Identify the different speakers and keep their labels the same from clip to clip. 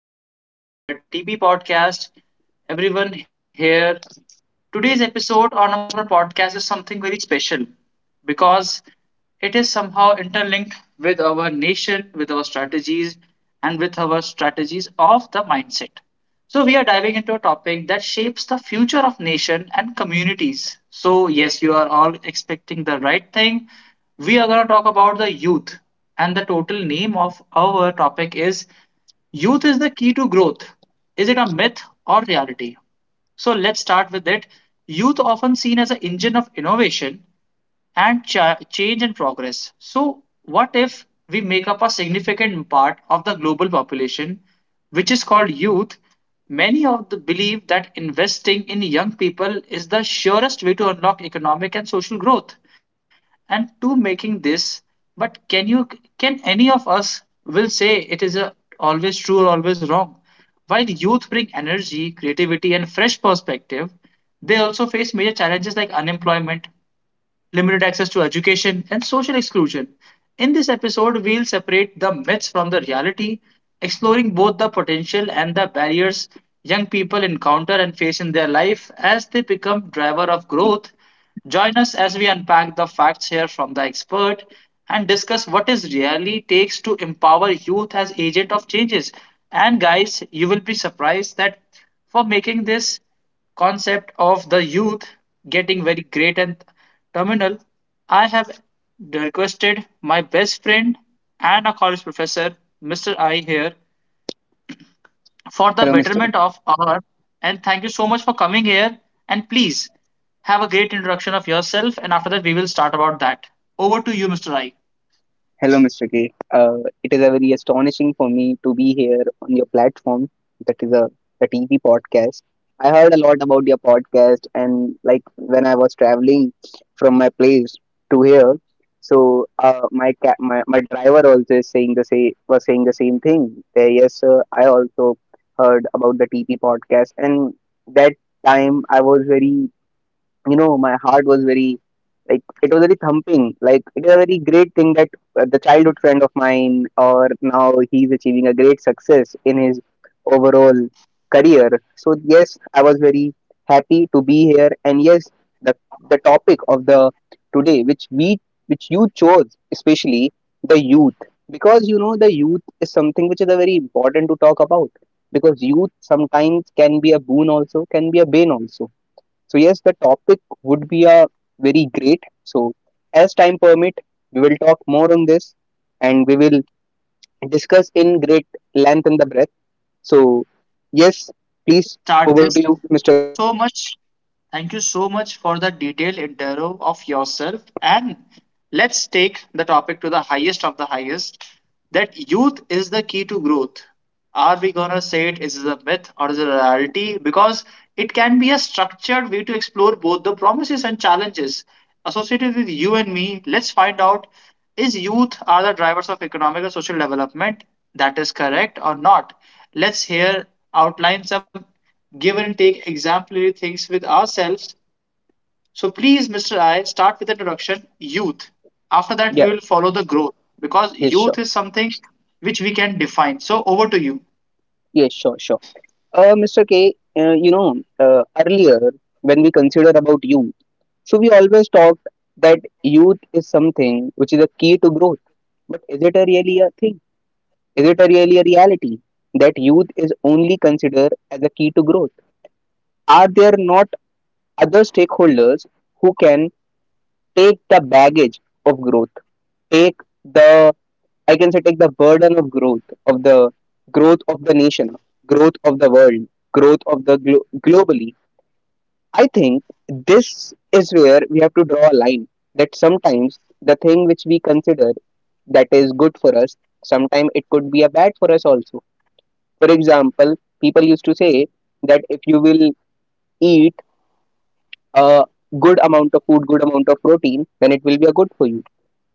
Speaker 1: our podcast named under TB Podcast. Everyone here, today's episode on our podcast is something very special because it is somehow interlinked with our nation, with our strategies, and with our strategies of the mindset. So we are diving into a topic that shapes the future of nation and communities. So yes, you are all expecting the right thing. We are going to talk about the youth, and the total name of our topic is youth is the key to growth. Is it a myth or reality? So let's start with it. Youth often seen as an engine of innovation, and change and progress. So, what if we make up a significant part of the global population, which is called youth? Many of the believe that investing in young people is the surest way to unlock economic and social growth and to making this, but can you, can any of us will say it is a always true or always wrong? While youth bring energy, creativity and fresh perspective, they also face major challenges like unemployment, limited access to education, and social exclusion. In this episode, we'll separate the myths from the reality, exploring both the potential and the barriers young people encounter and face in their life as they become driver of growth. Join us as we unpack the facts here from the expert and discuss what is really takes to empower youth as agent of changes. And guys, you will be surprised that for making this concept of the youth getting very great and terminal, I have requested my best friend and a college professor, Mr. I, here for the
Speaker 2: Hello, Mr.
Speaker 1: betterment of our. And thank you so much for coming here. And please have a great introduction of yourself. And after that, we will start about that. Over to you, Mr. I.
Speaker 2: Hello, Mr. K. It is a very astonishing for me to be here on your platform. That is a TV podcast. I heard a lot about your podcast, and like when I was traveling from my place to here, so my, ca- my driver also is saying the same was saying the same thing. That, yes, sir, I also heard about the TV podcast, and that time I was very, my heart was very, like it was very thumping, like it is a very great thing that the childhood friend of mine or now he's achieving a great success in his overall career. So yes, I was very happy to be here. And yes, the topic of the today which you chose, especially the youth, because you know the youth is something which is a very important to talk about, because youth sometimes can be a boon also, can be a bane also. So yes, the topic would be a very great. So as time permit, we will talk more on this, and we will discuss in great length and the breadth. So yes, please,
Speaker 1: Start
Speaker 2: over to
Speaker 1: this.
Speaker 2: you, Mr.
Speaker 1: Thank you
Speaker 2: K.
Speaker 1: so much. Thank you so much for the detailed intro of yourself. And let's take the topic to the highest of the highest, that youth is the key to growth. Are we gonna say it is a myth or is it a reality? Because it can be a structured way to explore both the promises and challenges associated with you and me. Let's find out, is youth are the drivers of economic and social development? That is correct or not? Let's here outline some give and take exemplary things with ourselves. So please, Mr. I, start with the introduction, youth. After that, we
Speaker 2: Yeah,
Speaker 1: will follow the growth, because
Speaker 2: yes,
Speaker 1: youth
Speaker 2: sure.
Speaker 1: is something which we can define. So over to you.
Speaker 2: Yes, sure, sure. Mr. K, earlier when we considered about youth, so we always talked that youth is something which is a key to growth. But is it a really a thing? Is it a really a reality that youth is only considered as a key to growth? Are there not other stakeholders who can take the baggage of growth, take the I can say take the burden of of the growth of the nation, growth of the world, growth of the globally? I think this is where we have to draw a line that sometimes the thing which we consider that is good for us, sometimes it could be a bad for us also. For example, people used to say that if you will eat a good amount of food, good amount of protein, then it will be a good for you.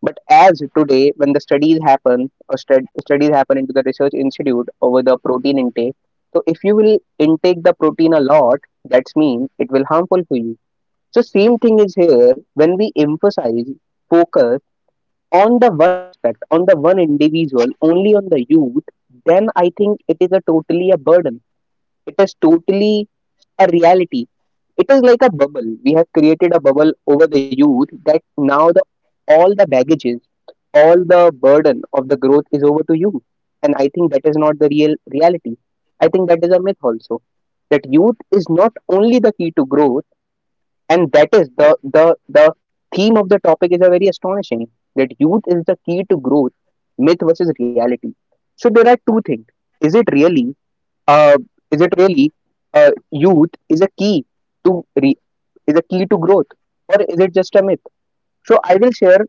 Speaker 2: But as today, when the studies happen, or studies happen into the research institute over the protein intake, so if you will intake the protein a lot, that's mean it will harmful for you. So same thing is here. When we emphasize focus on the one aspect, on the one individual, only on the youth, then I think it is a totally a burden. It is totally a reality. It is like a bubble. We have created a bubble over the youth that now the all the baggages, all the burden of the growth is over to you. And I think that is not the real reality. I think that is a myth also. That youth is not only the key to growth, and that is the theme of the topic is a very astonishing. That youth is the key to growth, myth versus reality. So there are two things. Is it really uh, is it really youth is a key to re- is a key to growth, or is it just a myth? So I will share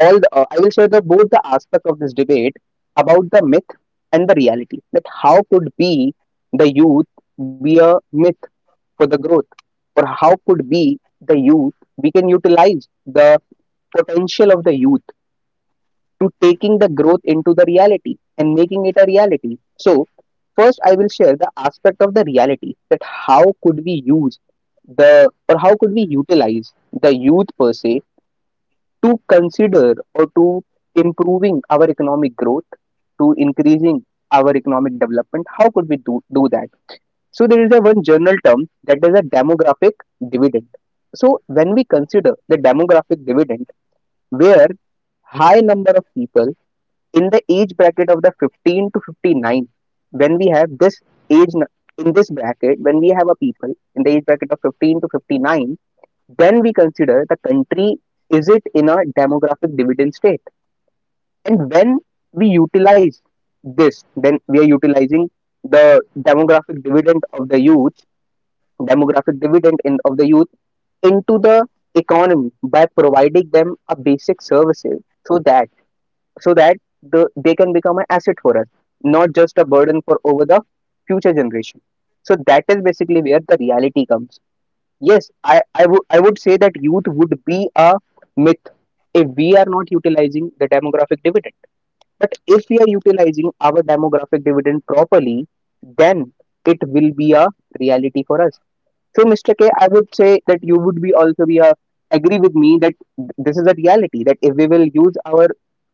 Speaker 2: the both the aspect of this debate about the myth and the reality, that how could be the youth be a myth for the growth, or how could be the youth, we can utilize the potential of the youth to taking the growth into the reality and making it a reality. So first, I will share the aspect of the reality that how could we use the or how could we utilize the youth per se to consider or to improving our economic growth, to increasing our economic development. How could we do that? So there is a one general term that is a demographic dividend. So when we consider the demographic dividend, where high number of people in the age bracket of the 15 to 59, when we have this age in this bracket, when we have a people in the age bracket of 15 to 59, then we consider the country, is it in a demographic dividend state? And when we utilize this, then we are utilizing the demographic dividend of the youth, demographic dividend of the youth into the economy by providing them a basic services, so that so that they can become an asset for us, not just a burden for over the future generation. So that is basically where the reality comes. Yes, I would say that youth would be a myth if we are not utilizing the demographic dividend. But if we are utilizing our demographic dividend properly, then it will be a reality for us. So, Mr. K, I would say that you would be also agree with me that this is a reality that if we will use our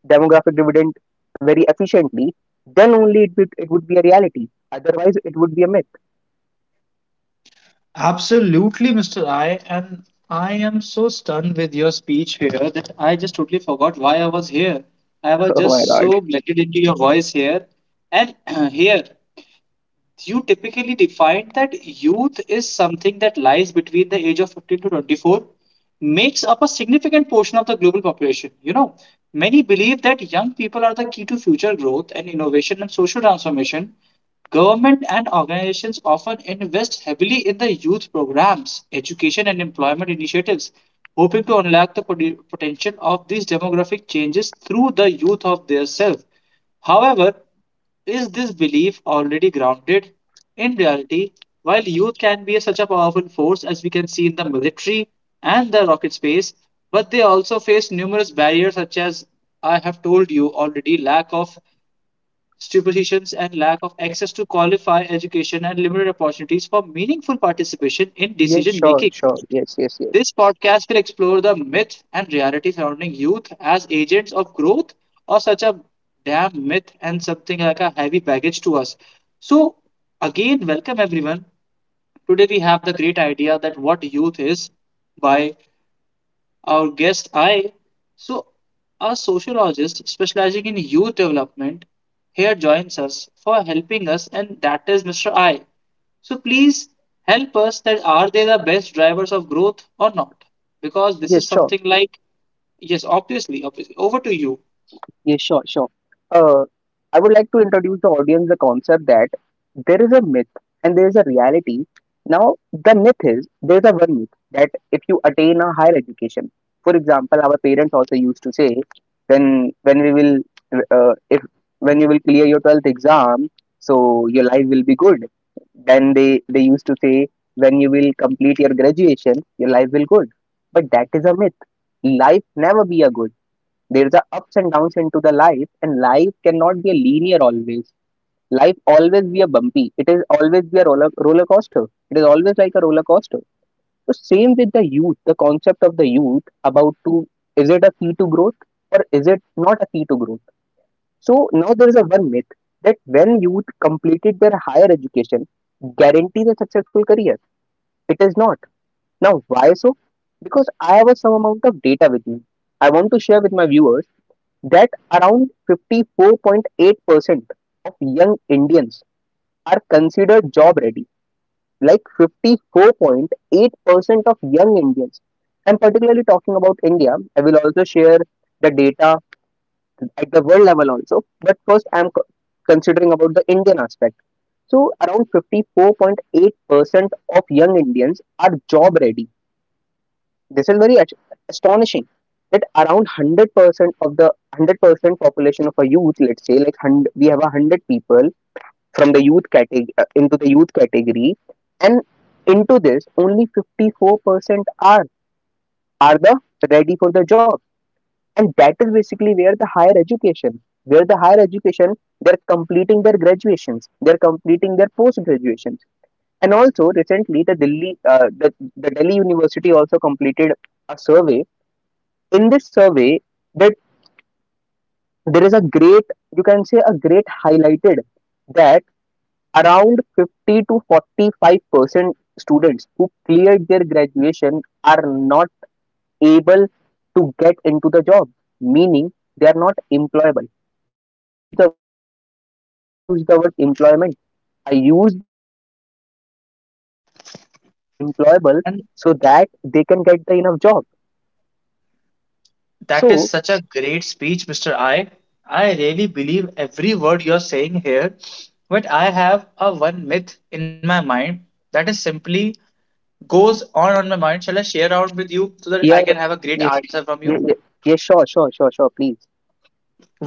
Speaker 2: demographic dividend very efficiently, then only it would be a reality. Otherwise, it would be a myth.
Speaker 1: Absolutely, Mr. I, and I am so stunned with your speech here that I just totally forgot why I was here. I was
Speaker 2: Oh my
Speaker 1: just
Speaker 2: God.
Speaker 1: so blended into your voice here. And here, you typically define that youth is something that lies between the age of 15 to 24, makes up a significant portion of the global population, you know, many believe that young people are the key to future growth and innovation and social transformation. Government and organizations often invest heavily in the youth programs, education, and employment initiatives, hoping to unlock the potential of these demographic changes through the youth of their self. However, is this belief already grounded in reality? While youth can be such a powerful force as we can see in the military and the rocket space, but they also face numerous barriers such as, I have told you already, lack of superstitions, and lack of access to qualified education and limited opportunities for meaningful participation in
Speaker 2: Yes,
Speaker 1: decision
Speaker 2: sure,
Speaker 1: making.
Speaker 2: sure. Yes, yes, yes.
Speaker 1: This podcast will explore the myth and reality surrounding youth as agents of growth, or such a damn myth and something like a heavy baggage to us. So, again, welcome everyone. Today we have the great idea that what youth is, by our guest I. So, a sociologist specializing in youth development here joins us for helping us, and that is Mr. I. So, please help us that are they the best drivers of growth or not? Because this is
Speaker 2: Yes, sure.
Speaker 1: something like, yes, obviously, obviously. Over to you.
Speaker 2: Yes, sure, sure. Uh, I would like to introduce the audience the concept that there is a myth and there is a reality. Now, the myth is there's a one myth that if you attain a higher education, for example, our parents also used to say, when we will if when you will clear your 12th exam, so your life will be good. Then they used to say, when you will complete your graduation, your life will good. But that is a myth. Life never be a good. There's a ups and downs into the life, and life cannot be a linear always. Life always be a bumpy. It is always be a roller coaster. It is always like a roller coaster. So same with the youth, the concept of the youth about to, is it a key to growth or is it not a key to growth? So now there is a one myth that when youth completed their higher education, guarantees a successful career. It is not. Now why so? Because I have a some amount of data with me. I want to share with my viewers that around 54.8% of young Indians are considered job ready. Like 54.8% of young Indians. I'm particularly talking about India. I will also share the data at the world level also. But first, I'm considering about the Indian aspect. So around 54.8% of young Indians are job ready. This is very astonishing that around 100% of the 100% population of a youth, let's say, like 100, we have 100 people from the youth category into the youth category, and into this, only 54% are the ready for the job, and that is basically where the higher education, where the higher education, they're completing their graduations, they're completing their post graduations. And also recently the Delhi University also completed a survey in this survey, that there is a great, you can say a great highlighted, that around 50 to 45% students who cleared their graduation are not able to get into the job, meaning they are not employable. I did not use the word employment. I used the word employable, meaning they are not employable,
Speaker 1: And
Speaker 2: so that they can get the enough job.
Speaker 1: that is
Speaker 2: So
Speaker 1: such a great speech, Mr. I. I really believe every word you're saying here. But I have a one myth in my mind that is simply goes on my mind. Shall I share out with you so that
Speaker 2: yeah,
Speaker 1: I
Speaker 2: yeah,
Speaker 1: can have a great
Speaker 2: yes,
Speaker 1: answer from
Speaker 2: yeah,
Speaker 1: you?
Speaker 2: yeah, yeah, sure, sure, sure, sure, please.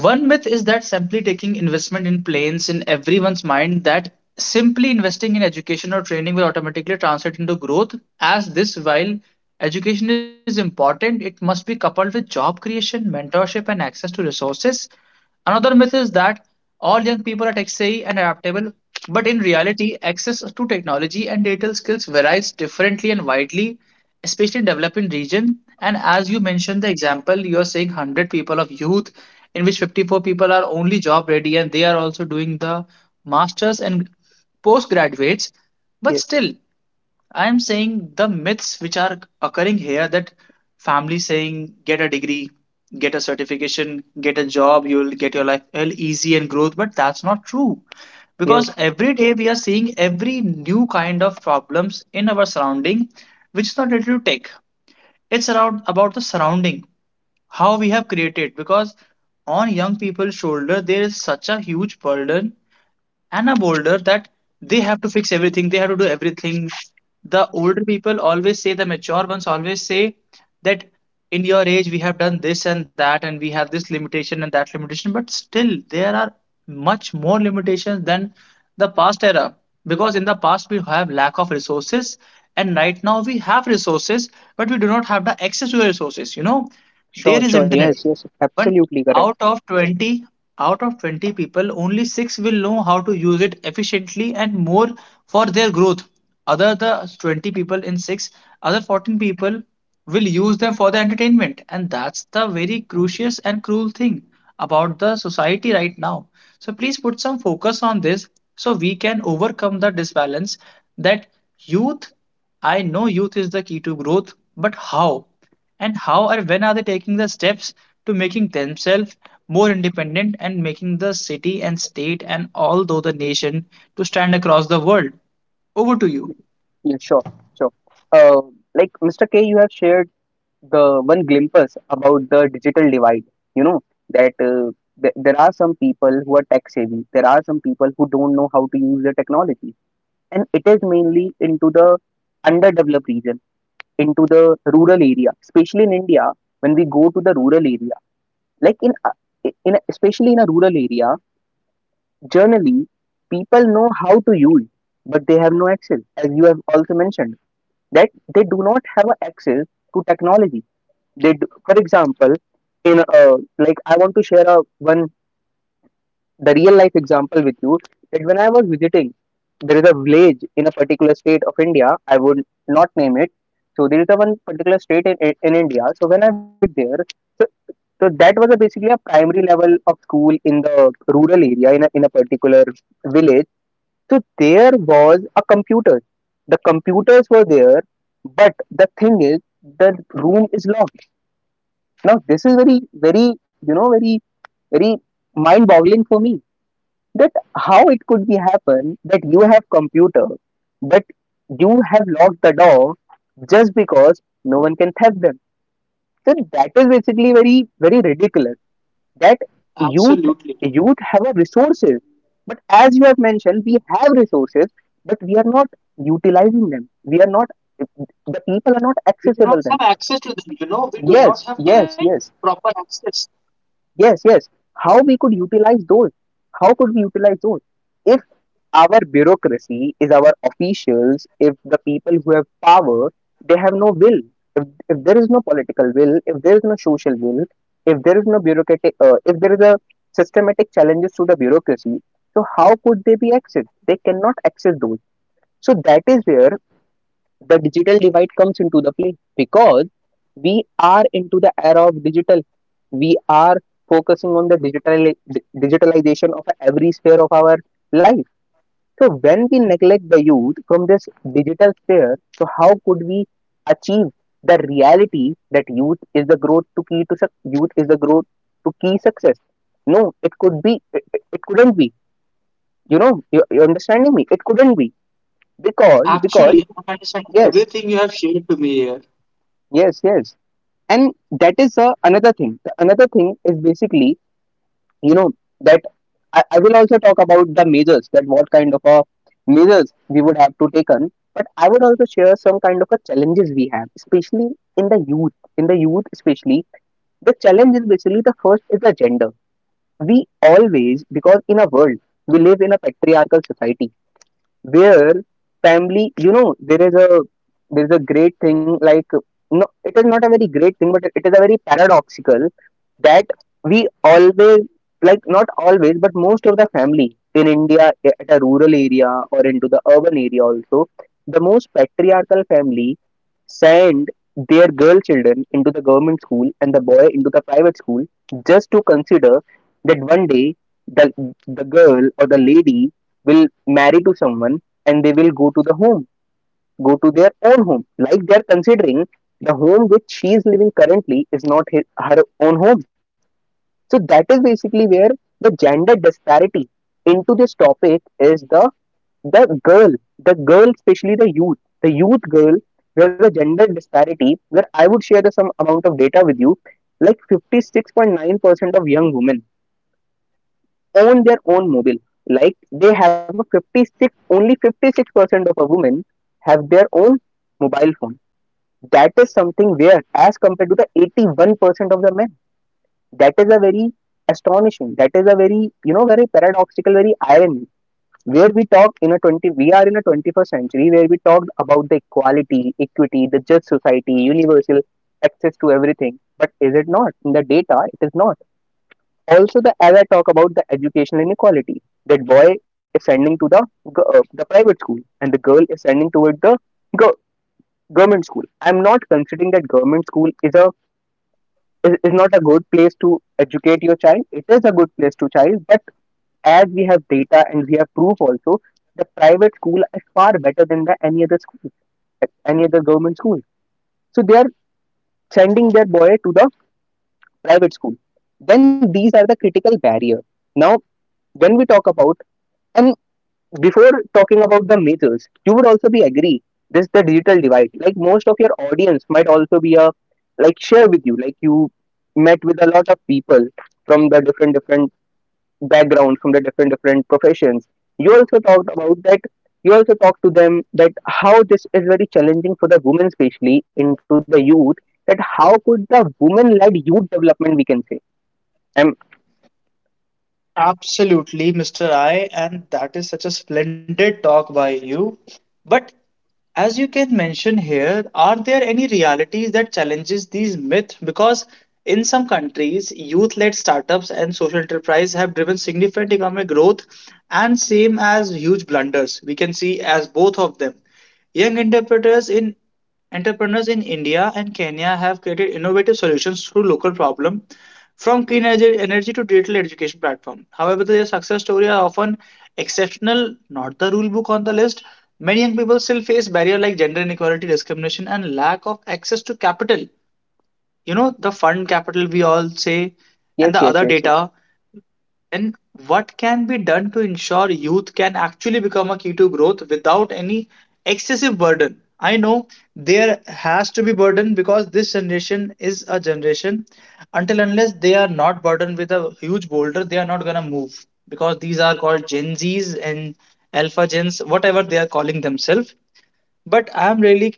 Speaker 1: One myth is that simply taking investment in planes in everyone's mind, that simply investing in education or training will automatically translate into growth. As this, while education is important, it must be coupled with job creation, mentorship, and access to resources. Another myth is that all young people are tech savvy and adaptable, but in reality, access to technology and digital skills varies differently and widely, especially in developing region. And as you mentioned the example, you are saying 100 people of youth, in which 54 people are only job ready and they are also doing the masters and postgraduates.
Speaker 2: Yeah,
Speaker 1: But still, I am saying the myths which are occurring here, that family saying get a degree, get a certification, get a job, you'll get your life well easy and growth, but that's not true, because
Speaker 2: yes,
Speaker 1: every day we are seeing every new kind of problems in our surrounding, which is not related to tech. It's around about the surrounding, how we have created, because on young people's shoulder there is such a huge burden and a boulder that they have to fix everything, they have to do everything. The older people always say, the mature ones always say, that in your age we have done this and that, and we have this limitation and that limitation, but still there are much more limitations than the past era, because in the past we have lack of resources and right now we have resources, but we do not have the access to the resources, you know,
Speaker 2: sure,
Speaker 1: there is
Speaker 2: sure,
Speaker 1: internet,
Speaker 2: yes, yes,
Speaker 1: but
Speaker 2: absolutely correct.
Speaker 1: out of 20 out of 20 people only 6 will know how to use it efficiently and more for their growth. Other the 20 people in 6, other 14 people will use them for the entertainment, and that's the very crucial and cruel thing about the society right now. So please put some focus on this so we can overcome the disbalance, that youth, I know youth is the key to growth, but how, and how or when are they taking the steps to making themselves more independent and making the city and state and all though the nation to stand across the world? Over to you.
Speaker 2: Yeah, sure, sure. Uh, like Mr. K, you have shared the one glimpse about the digital divide. You know that th there are some people who are tech savvy. There are some people who don't know how to use the technology, and it is mainly into the underdeveloped region, into the rural area, especially in India. When we go to the rural area, like especially in a rural area, generally people know how to use, but they have no access, as you have also mentioned, that they do not have a access to technology. They do, for example, in a, like I want to share a one the real life example with you, that when I was visiting, there is a village in a particular state of India. I would not name it. So there is a one particular state in India. So when I visited there, so that was a basically a primary level of school in the rural area in a particular village. So there was a computer. The computers were there, but the thing is the room is locked. Now this is very very, very very mind boggling for me, that how it could be happen that you have computer but you have locked the door just because no one can theft them. So that is basically very ridiculous that youth
Speaker 1: Absolutely.
Speaker 2: youth have a resources, but as you have mentioned, we have resources but we are not utilizing them, we are not, the people are not
Speaker 1: We do not
Speaker 2: accessible them.
Speaker 1: have access to them. You know, we do
Speaker 2: yes
Speaker 1: not have kind
Speaker 2: yes yes
Speaker 1: proper access.
Speaker 2: Yes, yes. How we could utilize those? How could we utilize those? If our bureaucracy is our officials, if the people who have power, they have no will. If there is no political will, if there is no social will, if there is no bureaucratic, if there is a systematic challenges to the bureaucracy, so how could they be accessed? They cannot access those. So that is where the digital divide comes into the play, because we are into the era of digital, we are focusing on the digital digitalization of every sphere of our life. So when we neglect the youth from this digital sphere, so how could we achieve the reality that youth is the growth to key to youth is the growth to key success? No, it could be, it couldn't be, you, you understanding me, it couldn't be because,
Speaker 1: Actually, I understand
Speaker 2: yes,
Speaker 1: everything you have shared to me here.
Speaker 2: yes, yes. And that is another thing. The another thing is basically, you know that I will also talk about the measures that what kind of a measures we would have to take on. But I would also share some kind of a challenges we have, especially in the youth, especially the challenge is basically, the first is the gender. We always, because in a world, we live in a patriarchal society where family, there is a, there is a great thing, like no, it is not a very great thing, but it is a very paradoxical, that we always, like not always, but most of the family in India, at a rural area or into the urban area also, the most patriarchal family send their girl children into the government school and the boy into the private school, just to consider that one day the the girl or the lady will marry to someone and they will go to the home, go to their own home. Like they are considering the home which she is living currently is not his, her own home. So that is basically where the gender disparity into this topic is the, the girl, the girl, especially the youth girl, where the gender disparity, where I would share the some amount of data with you, like 56.9% of young women own their own mobile. Like they have a 56, only 56% of a women have their own mobile phone. That is something weird as compared to the 81% of the men. That is a very astonishing. That is a very, very paradoxical, very irony. Where we talk in a 20, we are in a 21st century where we talk about the equality, equity, the just society, universal access to everything. But is it not? In the data, it is not. Also the, as I talk about the educational inequality, that boy is sending to the the private school and the girl is sending toward the go- government school. I'm not considering that government school is a, is not a good place to educate your child, it is a good place to child, but as we have data and we have proof also, the private school is far better than the any other school, any other government school. So they are sending their boy to the private school. Then these are the critical barrier. Now when we talk about, and before talking about the myths, you would also be agree this the digital divide. Like most of your audience might also be a, like share with you. Like you met with a lot of people from the different different backgrounds, from the different different professions. You also talked about that. You also talked to them that how this is very challenging for the women, especially into the youth. That how could the women-led youth development we can say? Um,
Speaker 1: Absolutely, Mr. I, and that is such a splendid talk by you. But as you can mention here, are there any realities that challenges these myths? Because in some countries, youth-led startups and social enterprise have driven significant economic growth and same as huge blunders. We can see as both of them. Young entrepreneurs in Entrepreneurs in India and Kenya have created innovative solutions to local problems, from clean energy to digital education platform. However, their success stories are often exceptional, not the rule book on the list. Many young people still face barriers like gender inequality, discrimination, and lack of access to capital. You know, the fund capital we all say, and the
Speaker 2: yes,
Speaker 1: other
Speaker 2: yes, yes,
Speaker 1: data,
Speaker 2: yes,
Speaker 1: and what can be done to ensure youth can actually become a key to growth without any excessive burden? I know there has to be burden because this generation is a generation. Until unless they are not burdened with a huge boulder, they are not gonna move because these are called Gen Zs and Alpha Gens, whatever they are calling themselves. But I'm really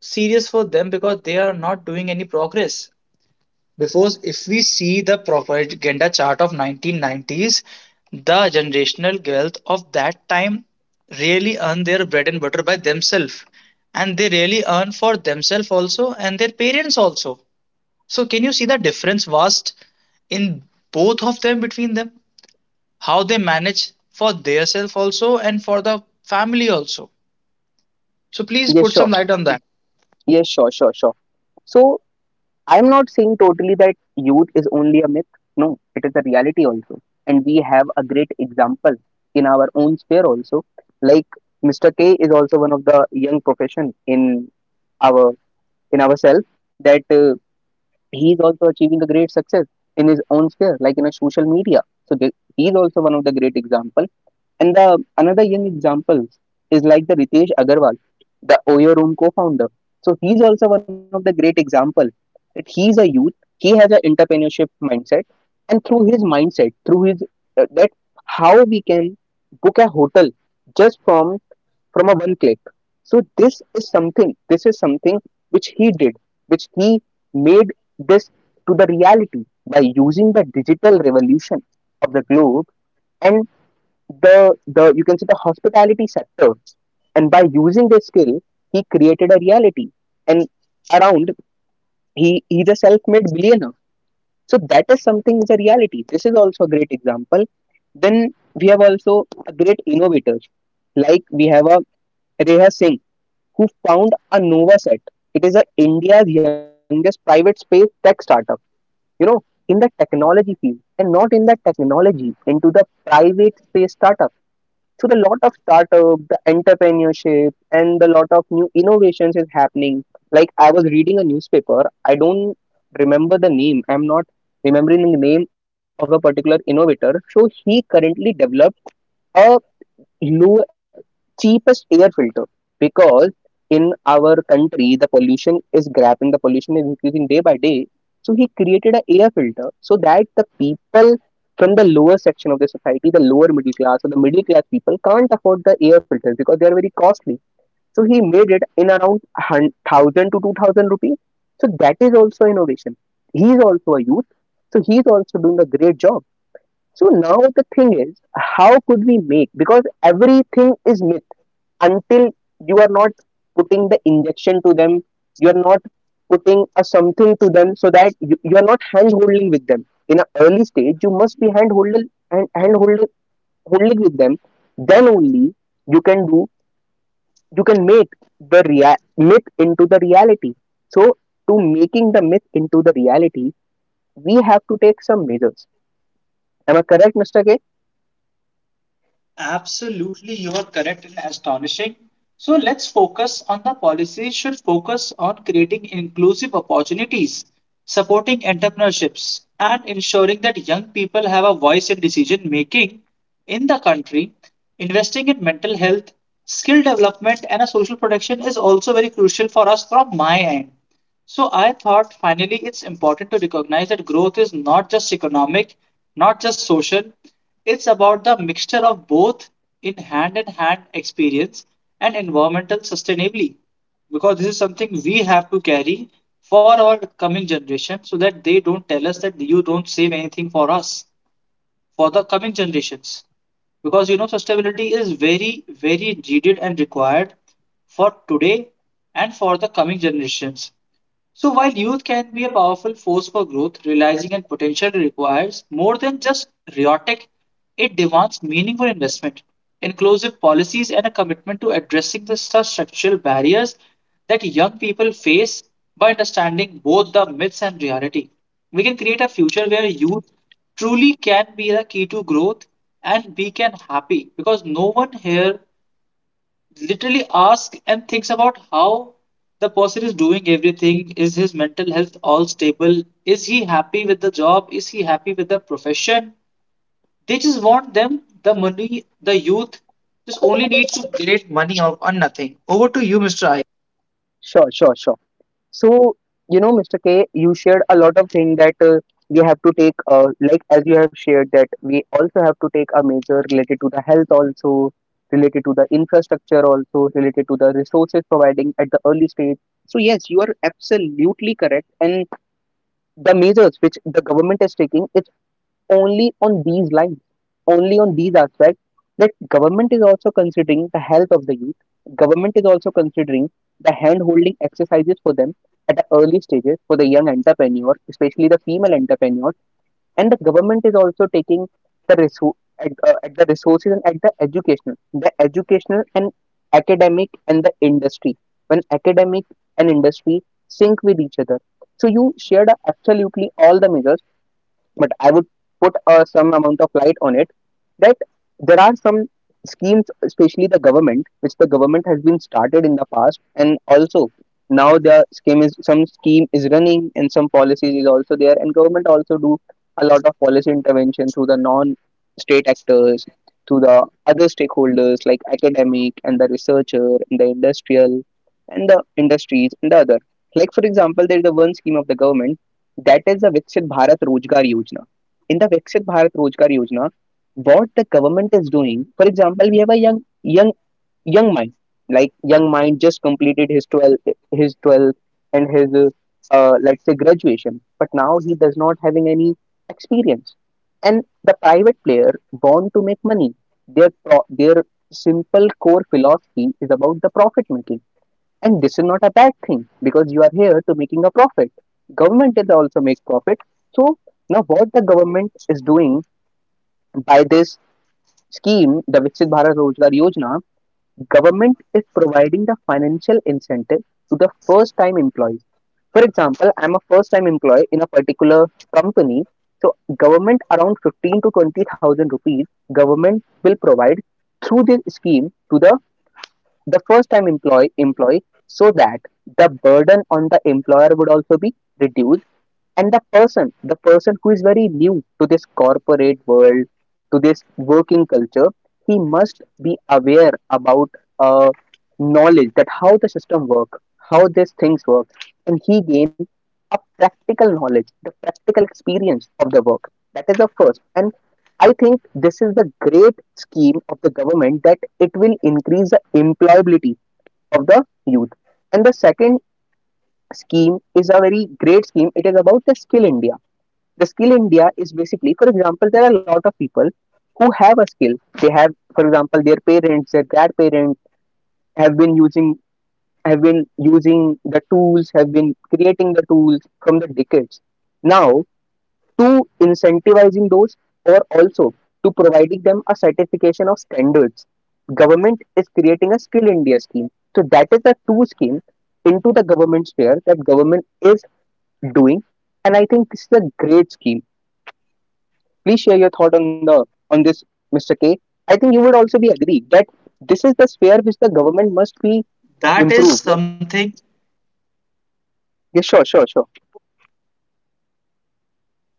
Speaker 1: serious for them because they are not doing any progress. Because if we see the propaganda chart of 1990s, the generational wealth of that time really earn their bread and butter by themselves. And they really earn for themselves also and their parents also. So can you see the difference vast in both of them, between them? How they manage for theirself also and for the family also. So please
Speaker 2: yes,
Speaker 1: put
Speaker 2: sure,
Speaker 1: some light on that.
Speaker 2: yes, sure, sure, sure. So I'm not saying totally that youth is only a myth. No, it is a reality also. And we have a great example in our own sphere also. Like Mr. K is also one of the young profession in our, in ourselves, that he is also achieving a great success in his own sphere, like in a social media. So the, he is also one of the great example. And the another young example is like the Ritesh Agarwal, the Oyo Room co-founder. So he's also one of the great example, that he's a youth, he has an entrepreneurship mindset, and through his mindset, through his that how we can book a hotel just from a one click. So this is something. This is something which he did, which he made this to the reality by using the digital revolution of the globe, and the you can say the hospitality sector, and by using this skill he created a reality, and around, he's a self-made billionaire. So that is something is a reality, this is also a great example. Then we have also a great innovators, like we have a Reha Singh, who found a Novaset. It is a India's youngest private space tech startup. You know, in the technology field, and not in the technology, into the private space startup. So the lot of startup, the entrepreneurship, and the lot of new innovations is happening. Like I was reading a newspaper, I don't remember the name. I'm not remembering the name of a particular innovator. So he currently developed a low cheapest air filter, because in our country the pollution is grabbing, the pollution is increasing day by day. So he created an air filter so that the people from the lower section of the society, the lower middle class or the middle class people can't afford the air filters because they are very costly. So he made it in around 1000 to 2000 rupees. So that is also innovation, he is also a youth, so he is also doing a great job. So now the thing is how could we make, because everything is myth until you are not putting the injection to them, you are not putting a something to them, so that you are not hand holding with them in an early stage. You must be hand holding and hand holding holding with them, then only you can do, you can make the myth into the reality. So to making the myth into the reality, we have to take some measures. Am I correct, Mr. K?
Speaker 1: Absolutely, you are correct and astonishing. So let's focus on the policies should focus on creating inclusive opportunities, supporting entrepreneurships, and ensuring that young people have a voice in decision making in the country. Investing in mental health, skill development, and a social protection is also very crucial for us from my end. So I thought finally it's important to recognize that growth is not just economic, not just social. It's about the mixture of both in hand experience and environmental sustainability. Because this is something we have to carry for our coming generation so that they don't tell us that you don't save anything for us, for the coming generations. Because you know, sustainability is very, very needed and required for today and for the coming generations. So while youth can be a powerful force for growth, realizing and potential requires more than just rhetoric. It demands meaningful investment, inclusive policies, and a commitment to addressing the structural barriers that young people face by understanding both the myths and reality. We can create a future where youth truly can be the key to growth, and we can happy because no one here literally ask and thinks about how the person is doing, everything, is his mental health all stable, is he happy with the job, is he happy with the profession? They just want them the money, the youth just only needs to create money, or nothing. Over to you, Mr. Ash.
Speaker 2: Sure, sure, sure. So, you know, Mr. K, you shared a lot of things that we have to take, like as you have shared, that we also have to take a measure related to the health, also related to the infrastructure, also related to the resources providing at the early stage. So, yes, you are absolutely correct. And the measures which the government is taking, it's only on these lines, only on these aspects, that government is also considering the health of the youth. Government is also considering the hand holding exercises for them at the early stages for the young entrepreneur, especially the female entrepreneur, and the government is also taking the resource at the resources and at the educational and academic and the industry. When academic and industry sync with each other, so you shared absolutely all the measures, but I would put some amount of light on it, that there are some schemes, especially the government, which the government has been started in the past, and also now the scheme is, some scheme is running, and some policies is also there, and government also do a lot of policy intervention through the non-state actors, through the other stakeholders like academic and the researcher and the industrial and the industries and the other. Like for example, there is a one scheme of the government, that is the Viksit Bharat Rozgar Yojana. In the Viksit Bharat Rozgar Yojana, what the government is doing, for example, we have a young mind, like young mind just completed his 12th, his 12th, and his let's say graduation, but now he does not having any experience. And the private player want to make money. Their their simple core philosophy is about the profit making, and this is not a bad thing because you are here to making a profit. Government is also make profit. So now what the government is doing by this scheme, the Viksit Bharat Rozgar Yojana, government is providing the financial incentive to the first time employees. For example, I'm a first time employee in a particular company. So government around 15 to 20,000 rupees government will provide through this scheme to the first time employee so that the burden on the employer would also be reduced, and the person who is very new to this corporate world, to this working culture, he must be aware about uh, knowledge, that how the system work, how these things work, and he gain a practical knowledge, the practical experience of the work. That is the first. And I think this is the great scheme of the government, that it will increase the employability of the youth. And the second scheme is a very great scheme. It is about the Skill India. The Skill India is basically, for example, there are a lot of people who have a skill. They have, for example, their parents, their grandparents have been using, have been using the tools, have been creating the tools from the decades. Now, to incentivizing those, or also to providing them a certification of standards, government is creating a Skill India scheme. So that is the two scheme into the government sphere that government is doing. And I think this is a great scheme. Please share your thought on the on this, Mr. K. I think you would also be agree that this is the sphere which the government must be
Speaker 1: That is
Speaker 2: improved. Yes,
Speaker 1: something.
Speaker 2: yeah, sure, sure, sure.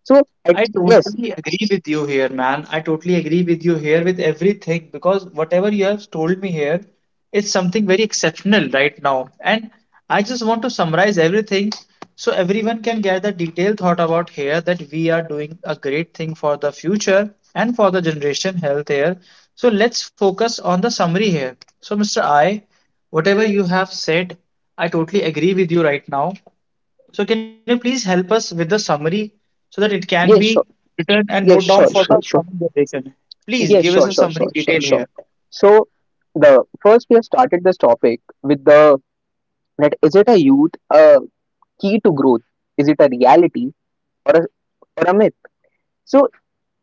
Speaker 2: So, at,
Speaker 1: I
Speaker 2: yes,
Speaker 1: totally agree with you here, man. I totally agree with you here with everything, because whatever you have told me here is something very exceptional right now. And I just want to summarize everything so everyone can get the detailed thought about here that we are doing a great thing for the future and for the generation health here. So let's focus on the summary here. So, Mr. I, whatever you have said, I totally agree with you right now. So can you please help us with the summary so that it can
Speaker 2: yes,
Speaker 1: be
Speaker 2: sure,
Speaker 1: written and
Speaker 2: yes,
Speaker 1: note
Speaker 2: sure,
Speaker 1: down for
Speaker 2: sure,
Speaker 1: the
Speaker 2: sure,
Speaker 1: coming generation? Please
Speaker 2: yes,
Speaker 1: give
Speaker 2: sure,
Speaker 1: us a
Speaker 2: sure, sure,
Speaker 1: summary
Speaker 2: sure,
Speaker 1: detail
Speaker 2: sure.
Speaker 1: here.
Speaker 2: So, the first we have started this topic with the, that is it a youth a key to growth? Is it a reality or a or a myth? So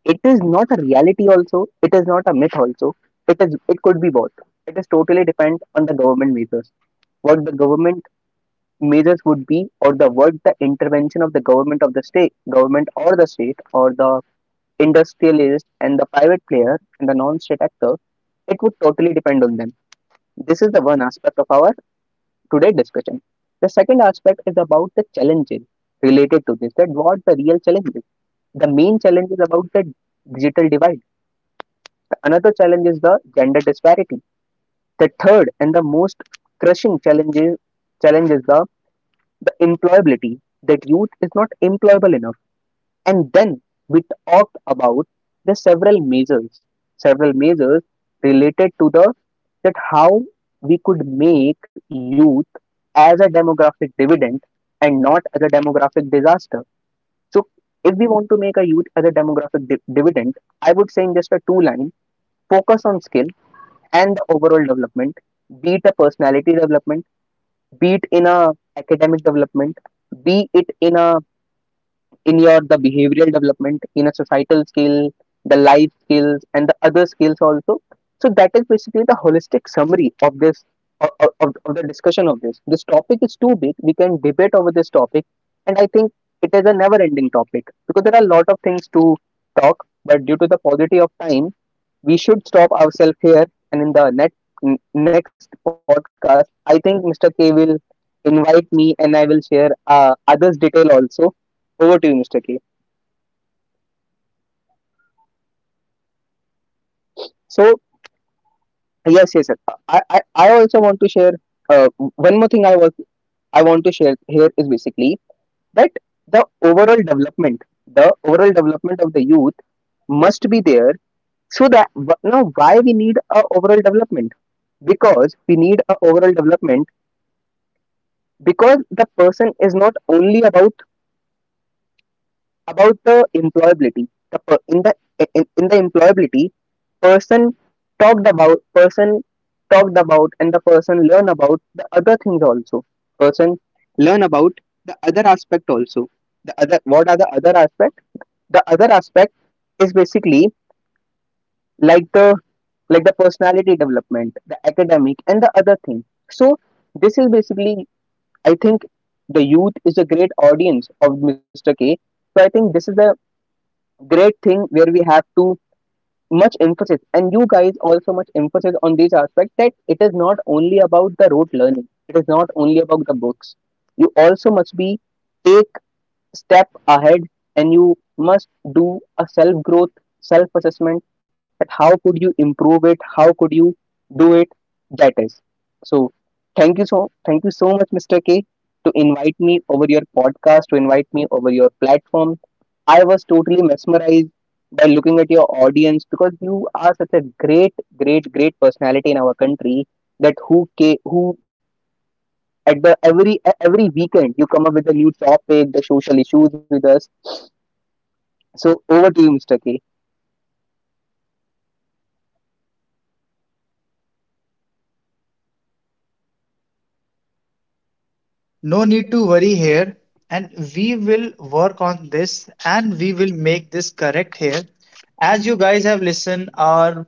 Speaker 2: it is not a reality also, it is not a myth also, it is, it could be both. It is totally depend on the government measures, what the government measures would be, or the what the intervention of the government, of the state government, or the state, or the industrialist and the private player and the non-state actor. It would totally depend on them. This is the one aspect of our today discussion. The second aspect is about the challenges related to this, that what the real challenges? The main challenge is about the digital divide. Another challenge is the gender disparity. The third and the most crushing challenge is, challenge is the, the employability, that youth is not employable enough. And then we talked about the several measures, several measures related to the, that how we could make youth as a demographic dividend and not as a demographic disaster. So if we want to make a youth as a demographic dividend, I would say in just a two line, focus on skill and the overall development. Be it a personality development, be it in a academic development, be it in a, in your the behavioral development, in a societal skill, the life skills and the other skills also. So that is basically the holistic summary of this, of, of the discussion of this. This topic is too big, we can debate over this topic, and I think it is a never ending topic because there are a lot of things to talk, but due to the paucity of time, we should stop ourselves here. And in the next podcast, I think Mr. K will invite me and I will share others detail also. Over to you, Mr. K. So yes, yes, sir. I also want to share uh, one more thing. I want to share here is basically that the overall development, of the youth must be there. So that now why we need a overall development? Because we need a overall development because the person is not only about the employability. The per, in the In the employability, person talked about, and the person learn about the other things also. Person learn about the other aspect also. The other, what are the other aspect? The other aspect is basically like the, personality development, the academic and the other thing. So this is basically, I think, the youth is a great audience of Mr. K. So I think this is a great thing where we have to much emphasis, and you guys also much emphasis on these aspects, that it is not only about the rote learning. It is not only about the books. You also must be take step ahead, and you must do a self growth, self assessment, that how could you improve it, how could you do it. That is, so thank you, so much, Mr. K, to invite me over your podcast, to invite me over your platform. I was totally mesmerized by looking at your audience, because you are such a great personality in our country, that who at the every weekend you come up with the new topic, the social issues with us. So over to you, Mr. K.
Speaker 1: No need to worry here, and we will work on this and we will make this correct here. As you guys have listened, our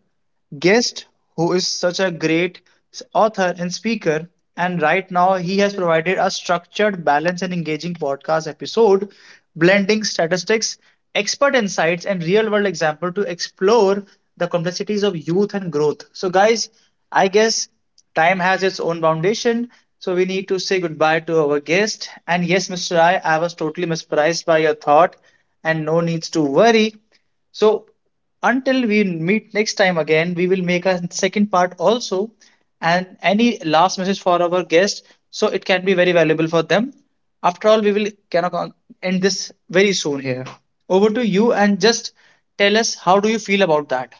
Speaker 1: guest who is such a great author and speaker. And right now, he has provided a structured, balanced, and engaging podcast episode, blending statistics, expert insights, and real world example to explore the complexities of youth and growth. So, guys, I guess time has its own foundation. So, we need to say goodbye to our guest. And yes, Mr. I was totally mesmerized by your thought, and no needs to worry. So until we meet next time again, we will make a second part also, and any last message for our guest so it can be very valuable for them. After all, we will cannot end this very soon here. Over to you and just tell us, how do you feel about that?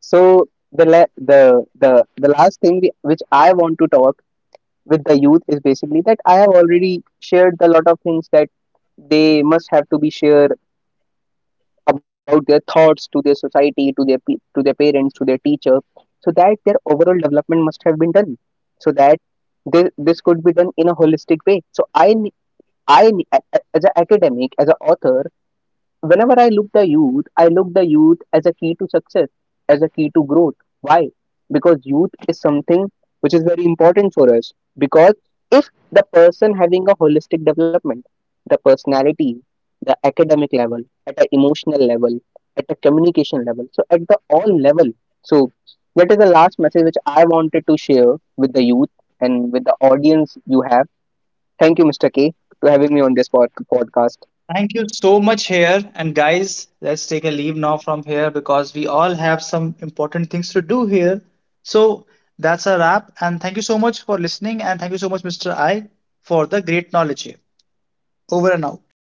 Speaker 2: So the la- the last thing we, which I want to talk with the youth is basically that I have already shared a lot of things, that they must have to be shared about their thoughts to their society, to their to their parents, to their teacher, so that their overall development must have been done, so that this could be done in a holistic way. So I ne- a- as an academic, as an author, whenever I look the youth, I look the youth as a key to success, as a key to growth. Why? Because youth is something which is very important for us. Because if the person having a holistic development, the personality, the academic level, at an emotional level, at a communication level, so at the all level. So that is the last message which I wanted to share with the youth and with the audience you have. Thank you, Mr. K, to having me on this podcast.
Speaker 1: Thank you so much here. And guys, let's take a leave now from here because we all have some important things to do here. So that's a wrap. And thank you so much for listening. And thank you so much, Mr. I, for the great knowledge here. Over and out.